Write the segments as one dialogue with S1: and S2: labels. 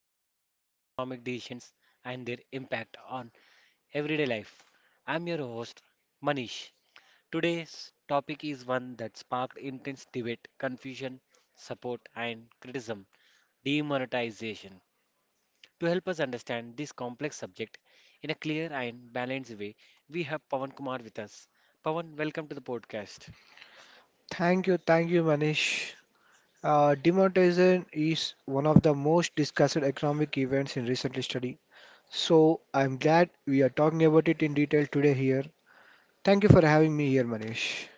S1: down major economic decisions and their impact on everyday life. I'm your host, Manish. Today's topic is one that sparked intense debate, confusion, support, and criticism demonetization. To help us understand this complex subject in a clear and balanced way, we have Pawan Kumar with us. Pawan, welcome to the podcast.
S2: Thank you, Manish. Demonetization is one of the most discussed economic events in recent history. So I'm glad we are talking about it in detail today here. Thank you for having me here, Manish.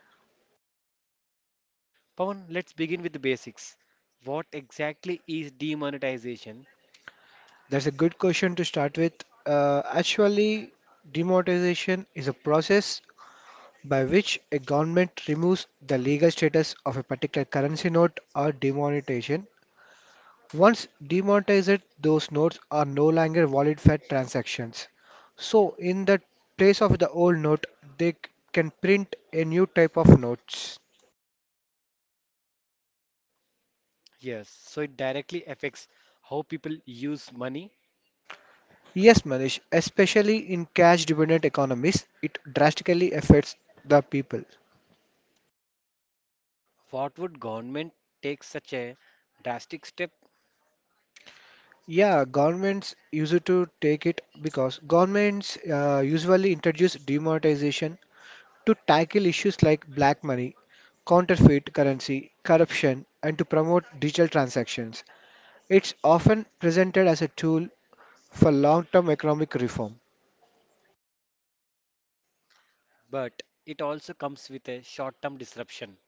S1: Pawan, let's begin with the basics. What exactly is demonetization?
S2: That's a good question to start with. Uh, actually, Demonetization is a process by which a government removes the legal status of a particular currency note or demonetization. Once demonetized, those notes are no longer valid for transactions. So, in the place of the old note, they c- can print a new type of notes.
S1: Yes, so it directly affects how people use money.
S2: Yes, Manish, especially in cash dependent economies, it drastically affects the people.
S1: What would government take such a drastic step?
S2: Yeah, governments used to take it because governments usually introduce demonetization to tackle issues like black money, counterfeit currency, corruption, and to promote digital transactions. It's often presented as a tool for long term economic reform.
S1: But it also comes with a short-term disruption.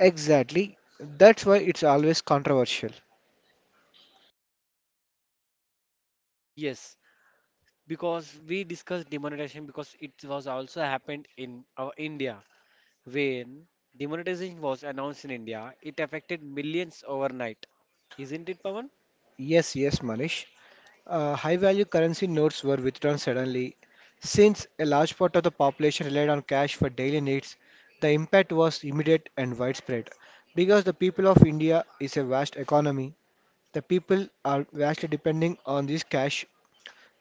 S2: Exactly. That's why it's always controversial.
S1: Yes, because we discussed demonetization because it was also happened in our India. When demonetization was announced in India, it affected millions overnight. Isn't it, Pawan?
S2: Yes, yes, Manish. High value currency notes were withdrawn suddenly. Since a large part of the population relied on cash for daily needs, the impact was immediate and widespread. Because the people of India is a vast economy, the people are vastly depending on this cash,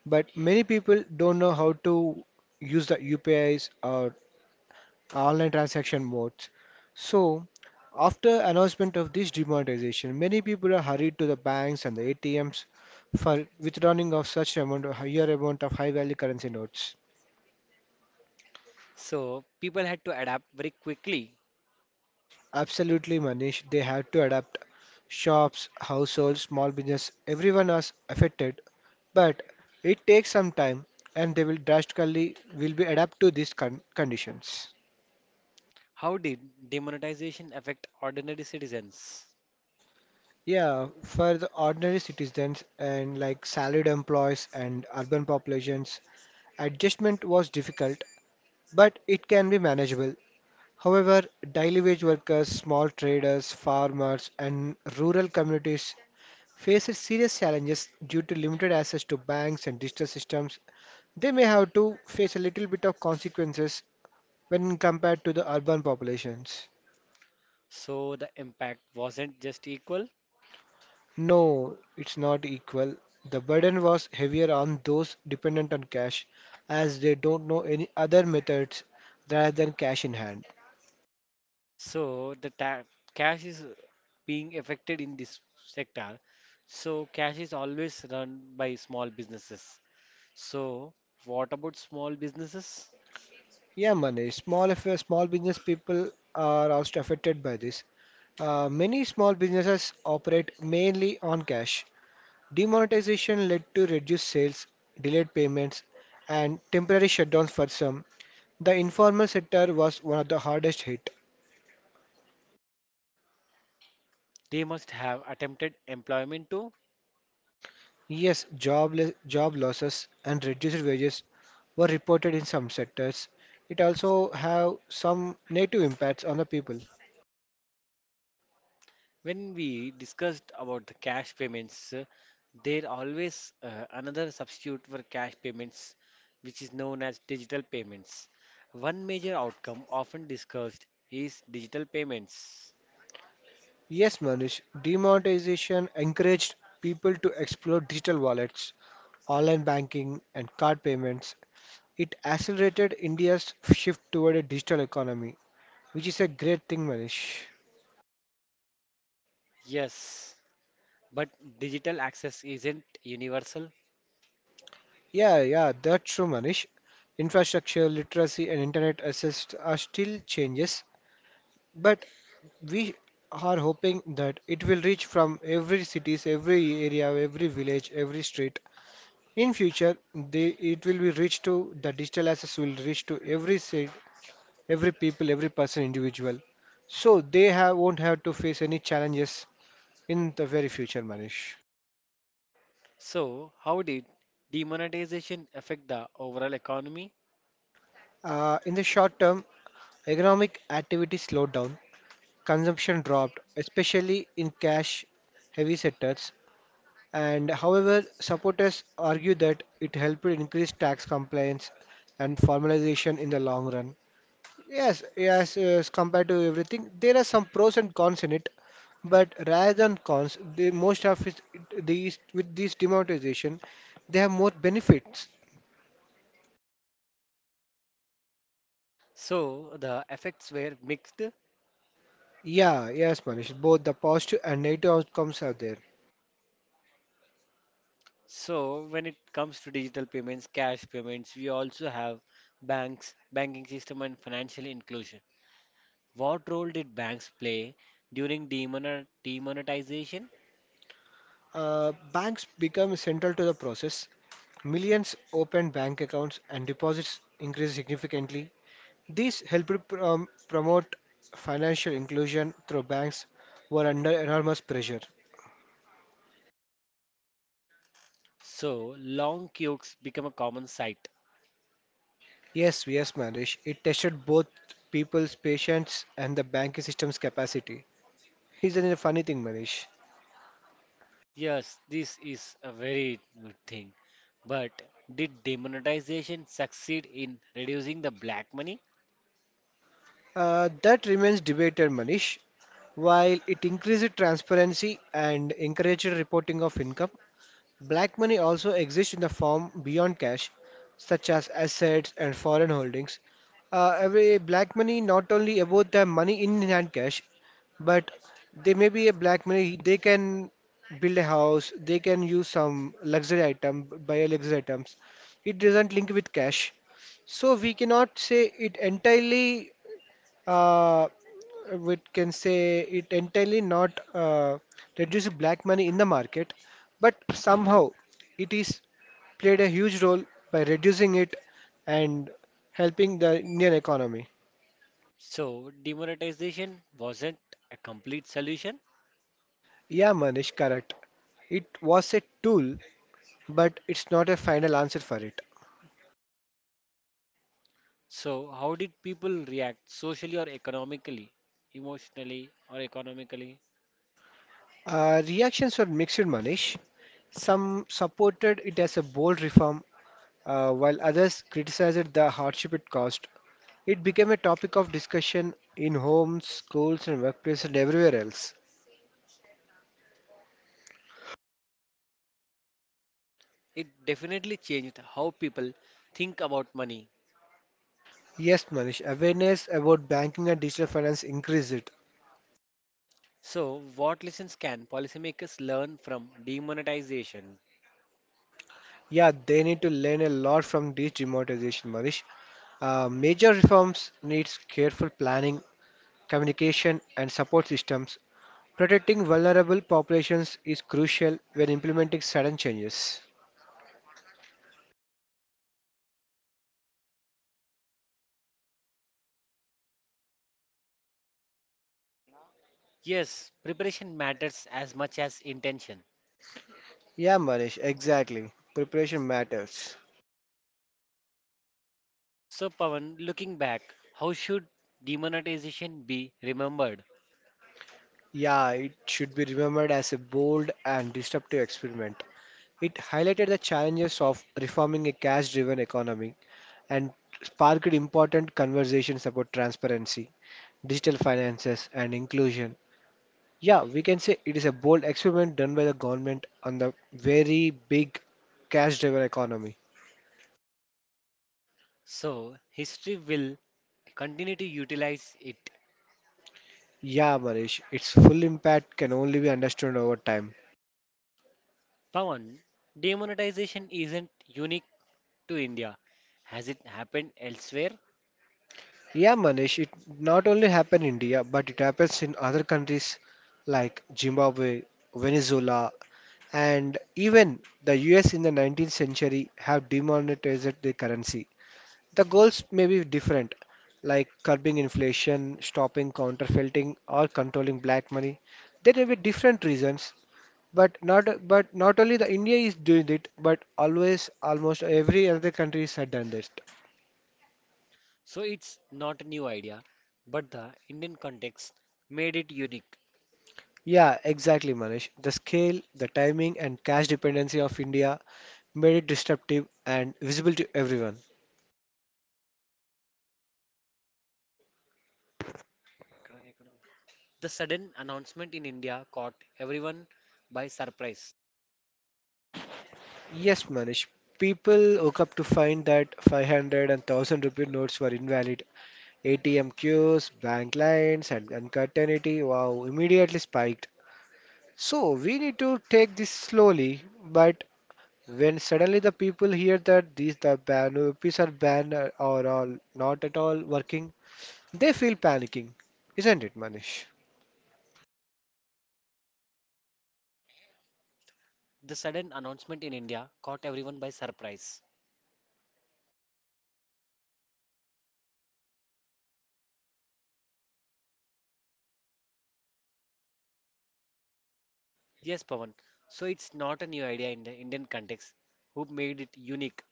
S2: but many people don't know how to use the UPIs or online transaction modes. So, after announcement of this demonetization, many people are hurried to the banks and the ATMs for withdrawing of such amount, higher amount of high-value currency notes.
S1: So people had to adapt very quickly.
S2: Absolutely, Manish, they have to adapt. Shops, households, small business, everyone is affected, but it takes some time, and they will drastically will be adapt to these conditions.
S1: How did demonetization affect ordinary citizens?
S2: Yeah, for the ordinary citizens and like salaried employees and urban populations, adjustment was difficult, but it can be manageable. However, daily wage workers, small traders, farmers, and rural communities face serious challenges due to limited access to banks and digital systems. They may have to face a little bit of consequences when compared to the urban populations.
S1: So the impact wasn't just equal.
S2: No, it's not equal. The burden was heavier on those dependent on cash, as they don't know any other methods rather than cash in hand.
S1: So cash is being affected in this sector. So cash is always run by small businesses. So what about small businesses?
S2: Yeah, money. Small affair, small business people are also affected by this. Many small businesses operate mainly on cash. Demonetization led to reduced sales, delayed payments, and temporary shutdowns for some. The informal sector was one of the hardest hit.
S1: They must have attempted employment too.
S2: Yes, job, job losses and reduced wages were reported in some sectors. It also have some negative impacts on the people.
S1: When we discussed about the cash payments, there always another substitute for cash payments, which is known as digital payments. One major outcome often discussed is digital payments.
S2: Yes, Manish, demonetization encouraged people to explore digital wallets, online banking, and card payments. It accelerated India's shift toward a digital economy, which is a great thing, Manish.
S1: Yes, but digital access isn't universal.
S2: Yeah, yeah, that's true, Manish. Infrastructure, literacy, and internet access are still changes, but we are hoping that it will reach from every cities, every area, every village, every street. In future, they, it will be reached to the digital assets will reach to every city, every people, every person, individual. So they have, won't have to face any challenges in the very future, Manish.
S1: So, how did demonetization affect the overall economy?
S2: In the short term, economic activity slowed down, consumption dropped, especially in cash heavy sectors. And however, supporters argue that it helped increase tax compliance and formalization in the long run. Yes, yes,
S1: S-
S2: yes, compared to everything, there are some pros and cons in it, but rather than cons, the most of it, these with this demonetization, they have more benefits.
S1: So, the effects were mixed.
S2: Yeah, yes, Manish, both the positive and negative outcomes are there.
S1: So when it comes to digital payments, cash payments, we also have banks, banking system, and financial inclusion. What role did banks play during demonetization?
S2: Banks become central to the process. Millions open bank accounts and deposits increase significantly. These helped promote financial inclusion through banks were under enormous pressure.
S1: So long queues become a common sight.
S2: Yes, yes, Manish. It tested both people's patience and the banking system's capacity. Isn't it a funny thing, Manish?
S1: Yes, this is a very good thing. But did demonetization succeed in reducing the black money?
S2: That remains debated, Manish. While it increased transparency and encouraged reporting of income, black money also exists in the form beyond cash, such as assets and foreign holdings. Every black money not only about the money in hand cash, but they may be a black money. They can build a house. They can use some luxury item, buy luxury items. It doesn't link with cash, so we cannot say it entirely uh, we can say it entirely not reduce black money in the market, but somehow it is played a huge role by reducing it and helping the Indian economy.
S1: So demonetization wasn't a complete solution.
S2: Yeah, Manish, correct. It was a tool, but it's not a final answer for it.
S1: So, how did people react socially or economically, emotionally or economically?
S2: Reactions were mixed, Manish. Some supported it as a bold reform, while others criticized the hardship it caused. It became a topic of discussion in homes, schools, and workplaces and everywhere else.
S1: It definitely changed how people think about money.
S2: Yes, Manish, awareness about banking and digital finance increased it.
S1: So, what lessons can policymakers learn from demonetization?
S2: Yeah, they need to learn a lot from this democratization, Manish. Major reforms needs careful planning, communication, and support systems. Protecting vulnerable populations is crucial when implementing sudden changes.
S1: Yes, preparation matters as much as intention.
S2: Yeah, Manish, exactly. Preparation matters.
S1: So, Pawan, looking back, how should demonetization be remembered?
S2: Yeah, it should be remembered as a bold and disruptive experiment. It highlighted the challenges of reforming a cash driven economy and sparked important conversations about transparency, digital finances, and inclusion. Yeah, we can say it is a bold experiment done by the government on the very big cash driven economy.
S1: So, history will continue to utilize it.
S2: Yeah, Manish, its full impact can only be understood over time.
S1: Pawan, demonetization isn't unique to India. Has it happened elsewhere?
S2: Yeah, Manish, it not only happened in India, but it happens in other countries like Zimbabwe, Venezuela, and even the US in the 19th century have demonetized the currency. The goals may be different, like curbing inflation, stopping counterfeiting, or controlling black money. There may be different reasons, but not only the India is doing it, but always almost every other countries have done this.
S1: So it's not a new idea, but the Indian context made it unique.
S2: Yeah, exactly, Manish. The scale, the timing, and cash dependency of India made it disruptive and visible to everyone.
S1: The sudden announcement in India caught everyone by surprise.
S2: Yes, Manish. People woke up to find that 500 and 1000 rupee notes were invalid. ATM queues, bank lines, and uncertainty wow, immediately spiked. So we need to take this slowly, but when suddenly the people hear that the ban rupees are banned or, all not at all working, they feel panicking, isn't it, Manish?
S1: The sudden announcement in India caught everyone by surprise. Yes, Pawan. So it's not a new idea in the Indian context. Who made it unique?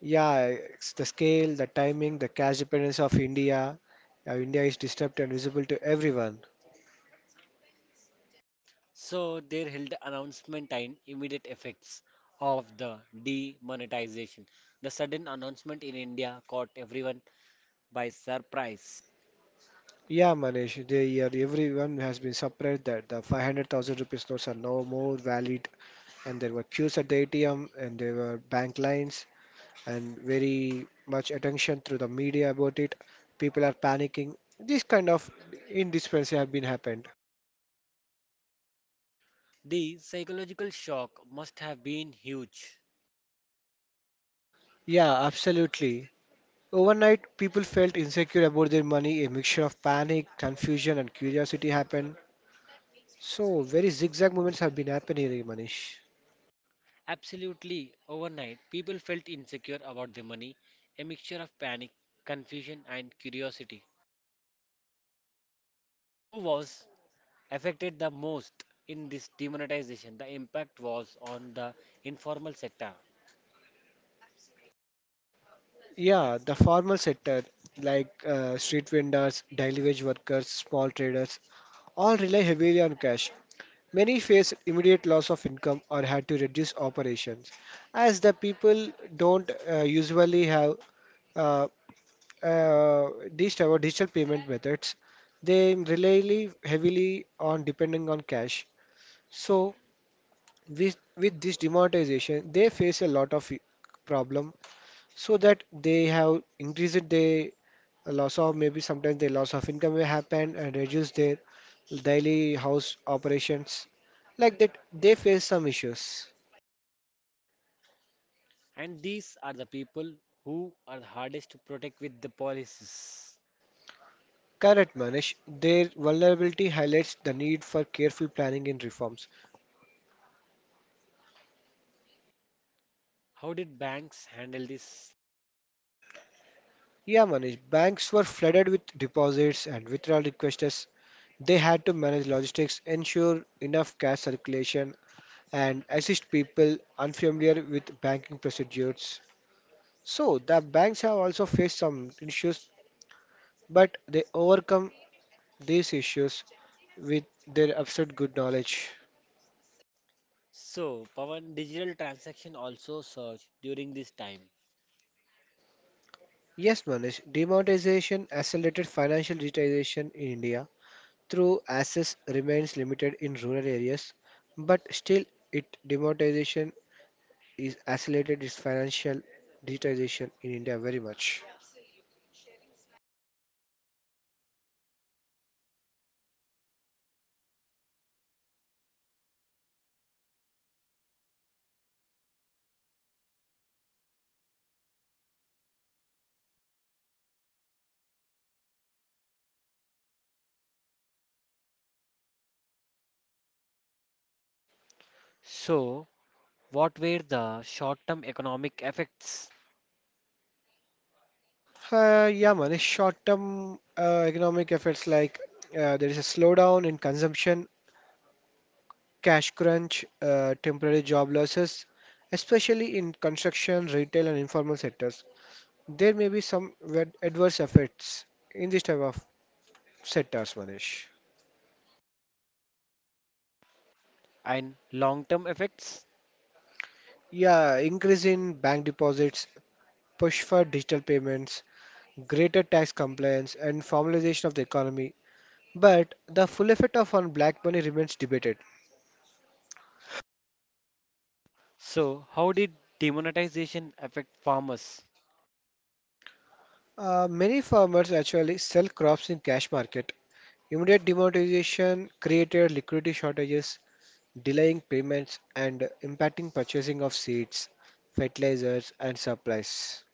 S2: Yeah, it's the scale, the timing, the cash dependence of India. India is disturbed and visible to everyone.
S1: So they held the announcement and immediate effects of the demonetization. The sudden announcement in India caught everyone by surprise.
S2: Yeah, Manish, they are, everyone has been surprised that the 500,000 rupees notes are no more valid, and there were queues at the ATM, and there were bank lines, and very much attention through the media about it. People are panicking. This kind of indispense have been happened.
S1: The psychological shock must have been huge.
S2: Yeah, absolutely. Overnight, people felt insecure about their money. A mixture of panic, confusion, and curiosity happened. So, very zigzag movements have been happening here, Manish.
S1: Absolutely, overnight, people felt insecure about their money, a mixture of panic, confusion, and curiosity. Who was affected the most in this demonetization? The impact was on the informal sector,
S2: Yeah, the formal sector, like street vendors, daily wage workers, small traders, all rely heavily on cash. Many faced immediate loss of income or had to reduce operations, as the people don't usually have uh, uh, these our digital payment methods, they rely heavily on depending on cash. So with this demonetization, they face a lot of problem. So that they have increased their loss of maybe sometimes their loss of income may happen and reduce their daily house operations. Like that, they face some issues.
S1: and these are the people who are the hardest to protect with the policies.
S2: Correct, Manish. Their vulnerability highlights the need for careful planning and reforms.
S1: How did banks handle this?
S2: Yeah, Manish, banks were flooded with deposits and withdrawal requests. They had to manage logistics, ensure enough cash circulation, and assist people unfamiliar with banking procedures. So, the banks have also faced some issues, but they overcome these issues with their absolute good knowledge.
S1: So, Pawan, digital transaction also surged during this time.
S2: Yes, Manish, demonetization accelerated financial digitization in India through access remains limited in rural areas, but still it demonetization is accelerated its financial digitization in India very much.
S1: So, what were the short term economic effects
S2: Yeah, man. It's short-term economic effects like there is a slowdown in consumption, cash crunch, temporary job losses, especially in construction, retail, and informal sectors. There may be some adverse effects in this type of sectors, Manish.
S1: and long term effects?
S2: Yeah, increase in bank deposits, push for digital payments, greater tax compliance, and formalization of the economy. But the full effect of on black money remains debated.
S1: So, how did demonetization affect farmers?
S2: Many farmers actually sell crops in cash market. Immediate demonetization created liquidity shortages, delaying payments and impacting purchasing of seeds, fertilizers and supplies.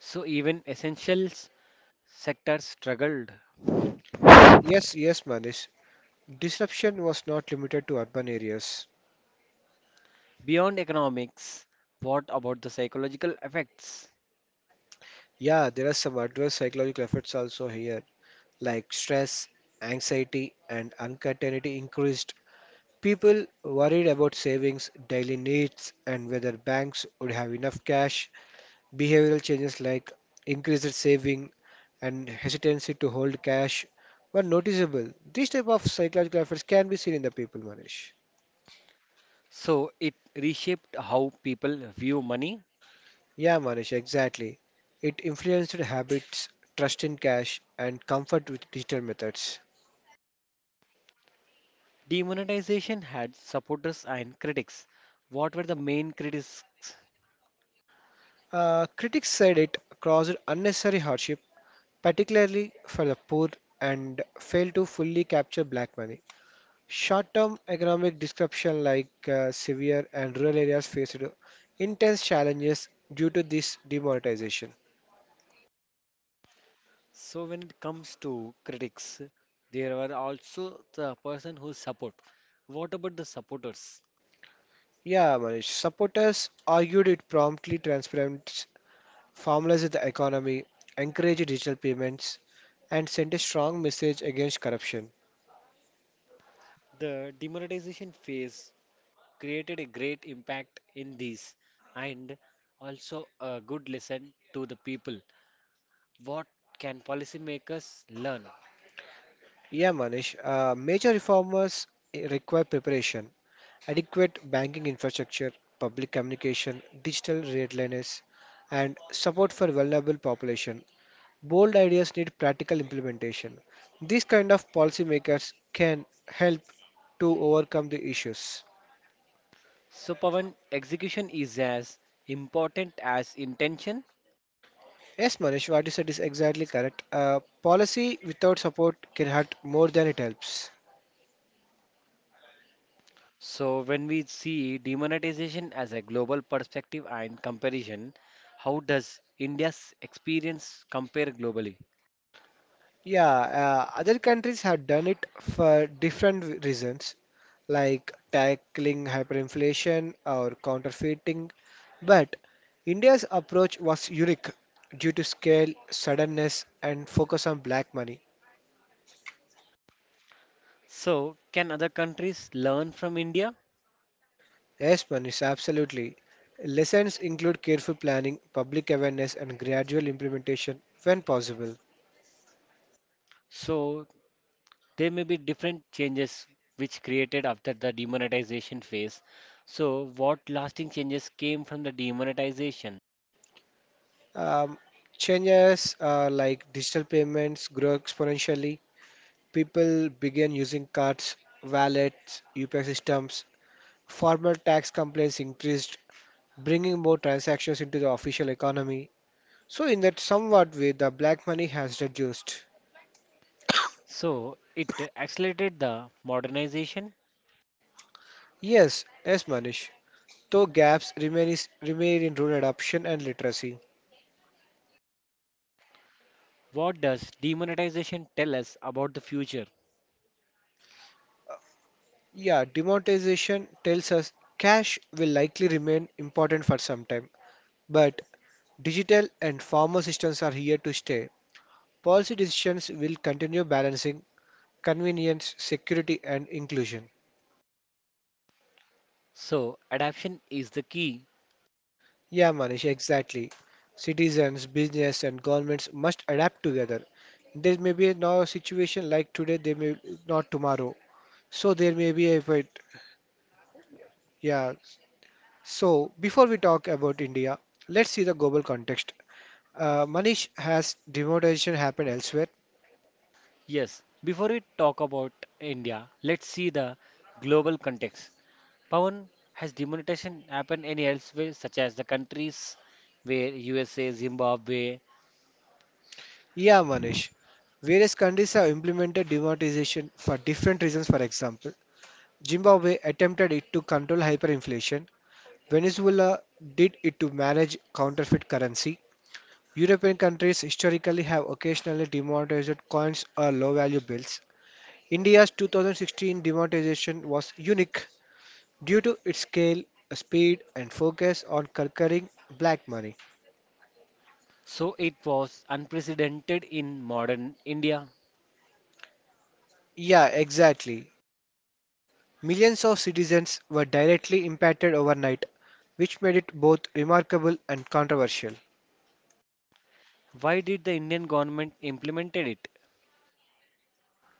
S1: So, even essential sectors struggled.
S2: Yes, yes, Manish. Disruption was not limited to urban areas.
S1: Beyond economics, what about the psychological effects?
S2: Yeah, there are some adverse psychological effects also here, like stress, anxiety, and uncertainty increased. People worried about savings, daily needs, and whether banks would have enough cash. Behavioral changes like increased saving and hesitancy to hold cash were noticeable. These type of psychological effects can be seen in the people, Manish.
S1: So, it reshaped how people view money.
S2: Yeah, Manish, exactly. It influenced habits, trust in cash, and comfort with digital methods.
S1: Demonetization had supporters and critics. What were the main critics?
S2: Critics said it caused unnecessary hardship, particularly for the poor, and failed to fully capture black money. Short-term economic disruption like severe and rural areas faced intense challenges due to this demonetization.
S1: So when it comes to critics, there are also the person who support. What about the supporters?
S2: Yeah, Manish. Supporters argued it promptly transparent formalized the economy, encouraged digital payments, and sent a strong message against corruption.
S1: The demonetization phase created a great impact in these and also a good lesson to the people. What can policymakers learn?
S2: Yeah, Manish. Major reformers require preparation, adequate banking infrastructure, public communication, digital readiness, and support for vulnerable population. Bold ideas need practical implementation. These kind of policymakers can help to overcome the issues.
S1: So Pavan, execution is as important as intention.
S2: Yes, Manish, what you said is exactly correct. Policy without support can hurt more than it helps.
S1: So, when we see demonetization as a global perspective and comparison, how does India's experience compare globally?
S2: Yeah, other countries have done it for different reasons, like tackling hyperinflation or counterfeiting. But India's approach was unique due to scale, suddenness, and focus on black money.
S1: So, can other countries learn from India?
S2: Yes, Manish, absolutely. Lessons include careful planning, public awareness, and gradual implementation when possible.
S1: So, there may be different changes which created after the demonetization phase. So, what lasting changes came from the demonetization?
S2: Um, Changes like digital payments grow exponentially. People begin using cards, wallets, UPI systems. Formal tax complaints increased, bringing more transactions into the official economy. So, in that somewhat way, the black money has reduced.
S1: So, it accelerated the modernization.
S2: Yes, yes, Manish. Though gaps remain, remain in rural adoption and literacy.
S1: What does demonetization tell us about the future?
S2: Yeah, demonetization tells us cash will likely remain important for some time, but digital and formal systems are here to stay. Policy decisions will continue balancing convenience, security, and inclusion.
S1: So, adaptation is the key.
S2: Yeah, Manish, exactly. Citizens, business, and governments must adapt together. There may be now a situation like today, they may not tomorrow. So there may be a wait. Yeah. So before we talk about India, let's see the global context. Manish, has demonetization happened elsewhere?
S1: Yes, before we talk about India, let's see the global context. Pawan, has demonetization happened any elsewhere, such as the countries where USA, Zimbabwe?
S2: Yeah, Manish. Various countries have implemented demonetization for different reasons. For example, Zimbabwe attempted it to control hyperinflation. Venezuela did it to manage counterfeit currency. European countries historically have occasionally demonetized coins or low-value bills. India's 2016 demonetization was unique due to its scale, speed, and focus on conquering black money.
S1: So it was unprecedented in modern India.
S2: Yeah, exactly. Millions of citizens were directly impacted overnight, which made it both remarkable and controversial.
S1: Why did the Indian government implemented it?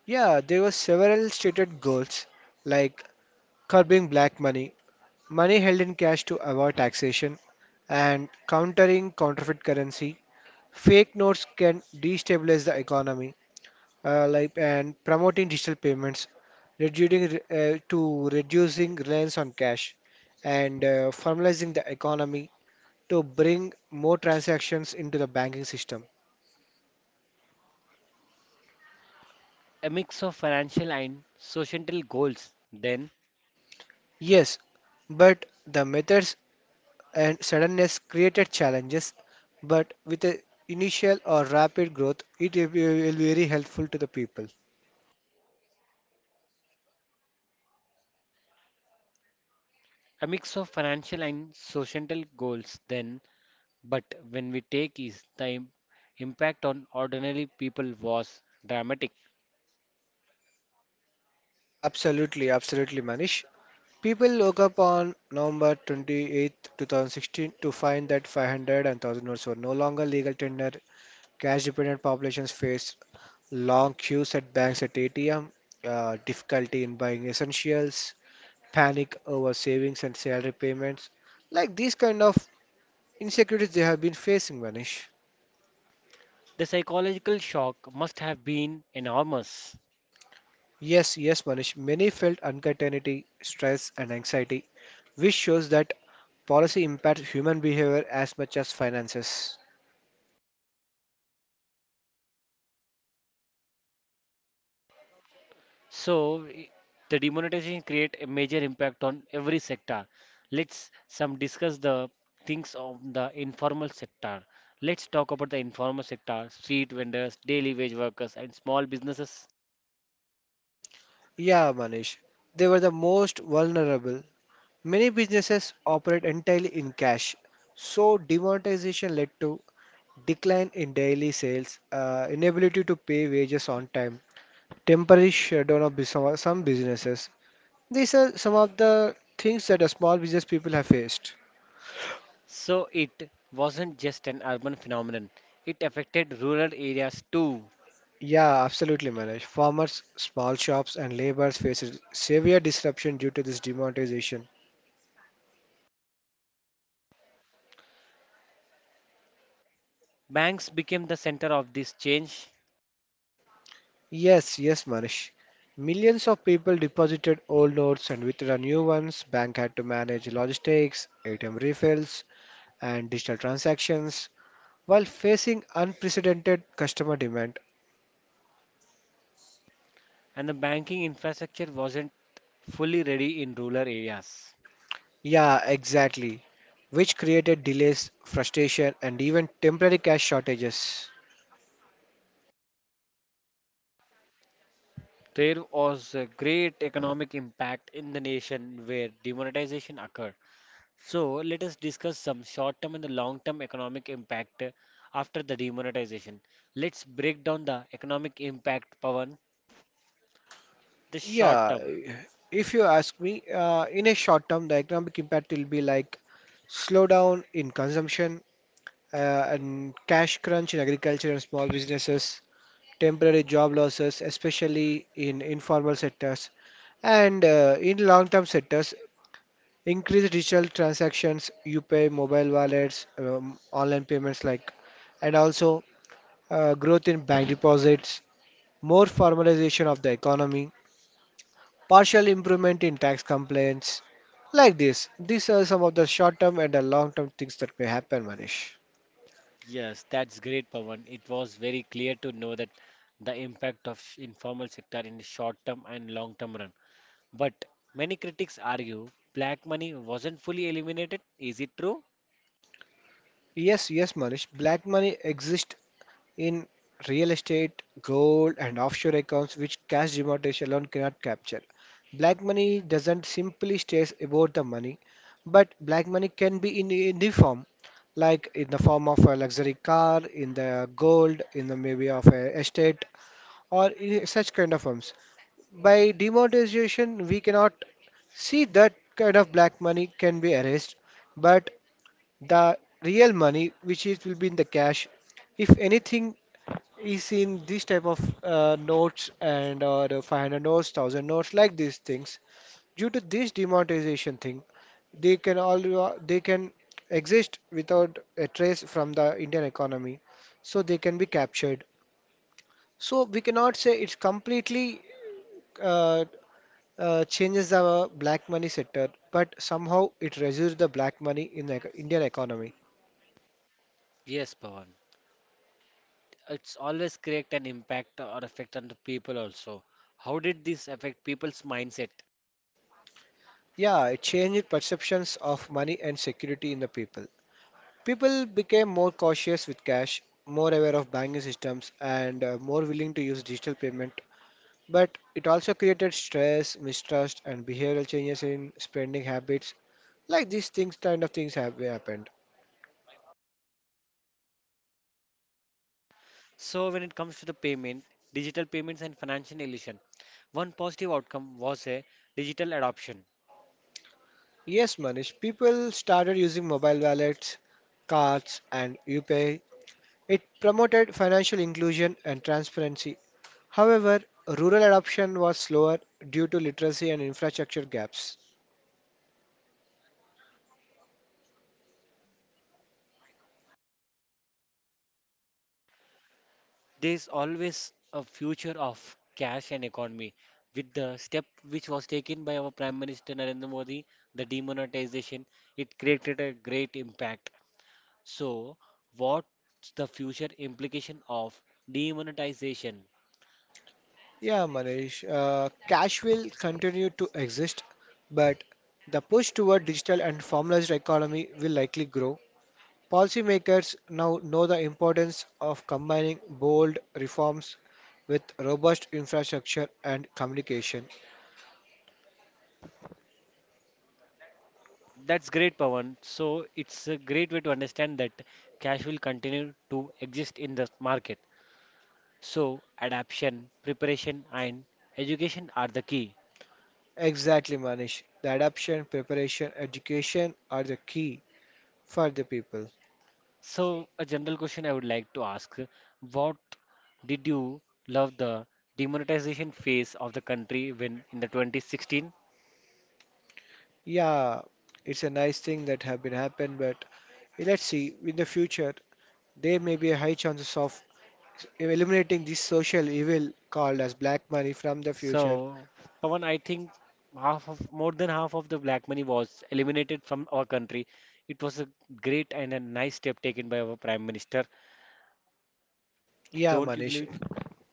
S2: Yeah, there were several stated goals like curbing black money, money held in cash to avoid taxation, and countering counterfeit currency. Fake notes can destabilize the economy, like and promoting digital payments, reducing reducing reliance on cash, and formalizing the economy to bring more transactions into the banking system.
S1: A mix of financial and societal goals. Then
S2: Yes, but the methods and suddenness created challenges, but with the initial or rapid growth, it will be very helpful to the people.
S1: a mix of financial and societal goals. Then, but when we take is impact on ordinary people was dramatic.
S2: Absolutely, absolutely, Manish. People woke up on November 28, 2016 to find that 500 and 1000 notes were no longer legal tender. Cash dependent populations faced long queues at banks at ATM, difficulty in buying essentials, panic over savings and salary payments, like these kind of insecurities they have been facing, Manish.
S1: The psychological shock must have been enormous.
S2: Yes, yes, Manish. Many felt uncertainty, stress, and anxiety, which shows that policy impacts human behavior as much as finances.
S1: So, i- the demonetization create a major impact on every sector. Let's some discuss the things of the informal sector. Let's talk about the informal sector, street vendors, daily wage workers, and small businesses.
S2: Yeah, Manish. They were the most vulnerable. Many businesses operate entirely in cash, so demonetization led to decline in daily sales, inability to pay wages on time, temporary shutdown of some businesses. These are some of the things that a small business people have faced.
S1: So, it wasn't just an urban phenomenon. It affected rural areas too.
S2: Yeah, absolutely, Manoj. Farmers, small shops, and laborers face severe disruption due to this demonetization.
S1: Banks became the center of this change,
S2: Yes, yes, Manish. Millions of people deposited old notes and withdrew new ones. Bank had to manage logistics, ATM refills, and digital transactions while facing unprecedented customer demand.
S1: and the banking infrastructure wasn't fully ready in rural areas.
S2: Yeah, exactly. Which created delays, frustration, and even temporary cash shortages.
S1: There was a great economic impact in the nation where demonetization occurred. So, let us discuss some short term and the long term economic impact after the demonetization. Let's break down the economic impact, Pawan, the short
S2: Yeah,
S1: term.
S2: if you ask me, in a short term, the economic impact will be like slowdown in consumption uh, and cash crunch in agriculture and small businesses, temporary job losses, especially in informal sectors, and in long term sectors, increased digital transactions, you pay mobile wallets, online payments like, and also growth in bank deposits, more formalization of the economy, partial improvement in tax complaints. Like this. These are some of the short term and the long term things that may happen, Manish.
S1: Yes, that's great, Pawan. It was very clear to know that the impact of informal sector in short term and long term run. But many critics argue black money wasn't fully eliminated. Is it true?
S2: Yes, yes, Manish. Black money exists in real estate, gold, and offshore accounts which cash demonetization alone cannot capture. Black money doesn't simply stay about the money, but black money can be in any form, like in the form of a luxury car, in the gold, in the maybe of a estate, or in such kind of forms. By demonetization, we cannot see that kind of black money can be erased, but the real money, which is will be in the cash, if anything is in this type of notes and or the 500 notes, 1000 notes, like these things. Due to this demonetization thing, they can exist without a trace from the Indian economy, so they can be captured. So we cannot say it's completely uh, changes the black money sector, but somehow it reduces the black money in the Indian economy.
S1: Yes, Pawan. It's always create an impact or effect on the people also. How did this affect people's mindset?
S2: Yeah, it changed perceptions of money and security in the people. People became more cautious with cash, more aware of banking systems, and more willing to use digital payment. But it also created stress, mistrust, and behavioral changes in spending habits. Like these things, kind of things have happened.
S1: So when it comes to the payment, digital payments and financial illusion, one positive outcome was a digital adoption.
S2: Yes, Manish, people started using mobile wallets, cards, and UPI. It promoted financial inclusion and transparency. However, rural adoption was slower due to literacy and infrastructure gaps.
S1: There is always a future of cash and economy. With the step which was taken by our Prime Minister Narendra Modi, the demonetization, it created a great impact. So, what's the future implication of demonetization?
S2: Yeah, Manish, cash will continue to exist, but the push toward digital and formalized economy will likely grow. Policymakers now know the importance of combining bold reforms with robust infrastructure and communication.
S1: That's great, Pawan. So it's a great way to understand that cash will continue to exist in the market. So adaptation, preparation, and education are the key.
S2: Exactly, Manish. The adoption, preparation, education are the key for the people.
S1: So a general question I would like to ask: What did you love the demonetization phase of the country when in the 2016?
S2: Yeah, it's a nice thing that have been happened, but let's see in the future there may be a high chances of eliminating this social evil called as black money from the future.
S1: So Pawan, I think half of more than half of the black money was eliminated from our country. It was a great and a nice step taken by our prime minister.
S2: Yeah,
S1: Don't you believe
S2: Manish.
S1: it?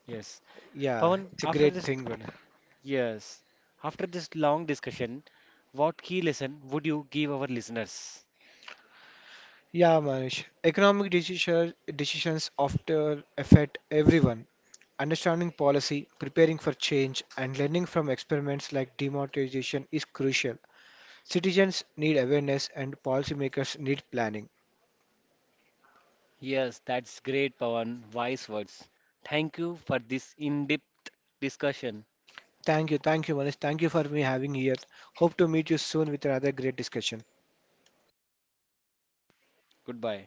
S1: Yes.
S2: Yeah,
S1: Pawan,
S2: it's a
S1: after
S2: great
S1: this,
S2: thing, but
S1: yes, after this long discussion, what key lesson would you give our listeners?
S2: yeah, Manish. Decisions often affect everyone. Understanding policy, preparing for change, and learning from experiments like demonetization is crucial. Citizens need awareness, and policymakers need planning.
S1: Yes, that's great, Pawan. Wise words. Thank you for this in depth discussion.
S2: Thank you, Manish. Thank you for me having here. Hope to meet you soon with another great discussion.
S1: Goodbye.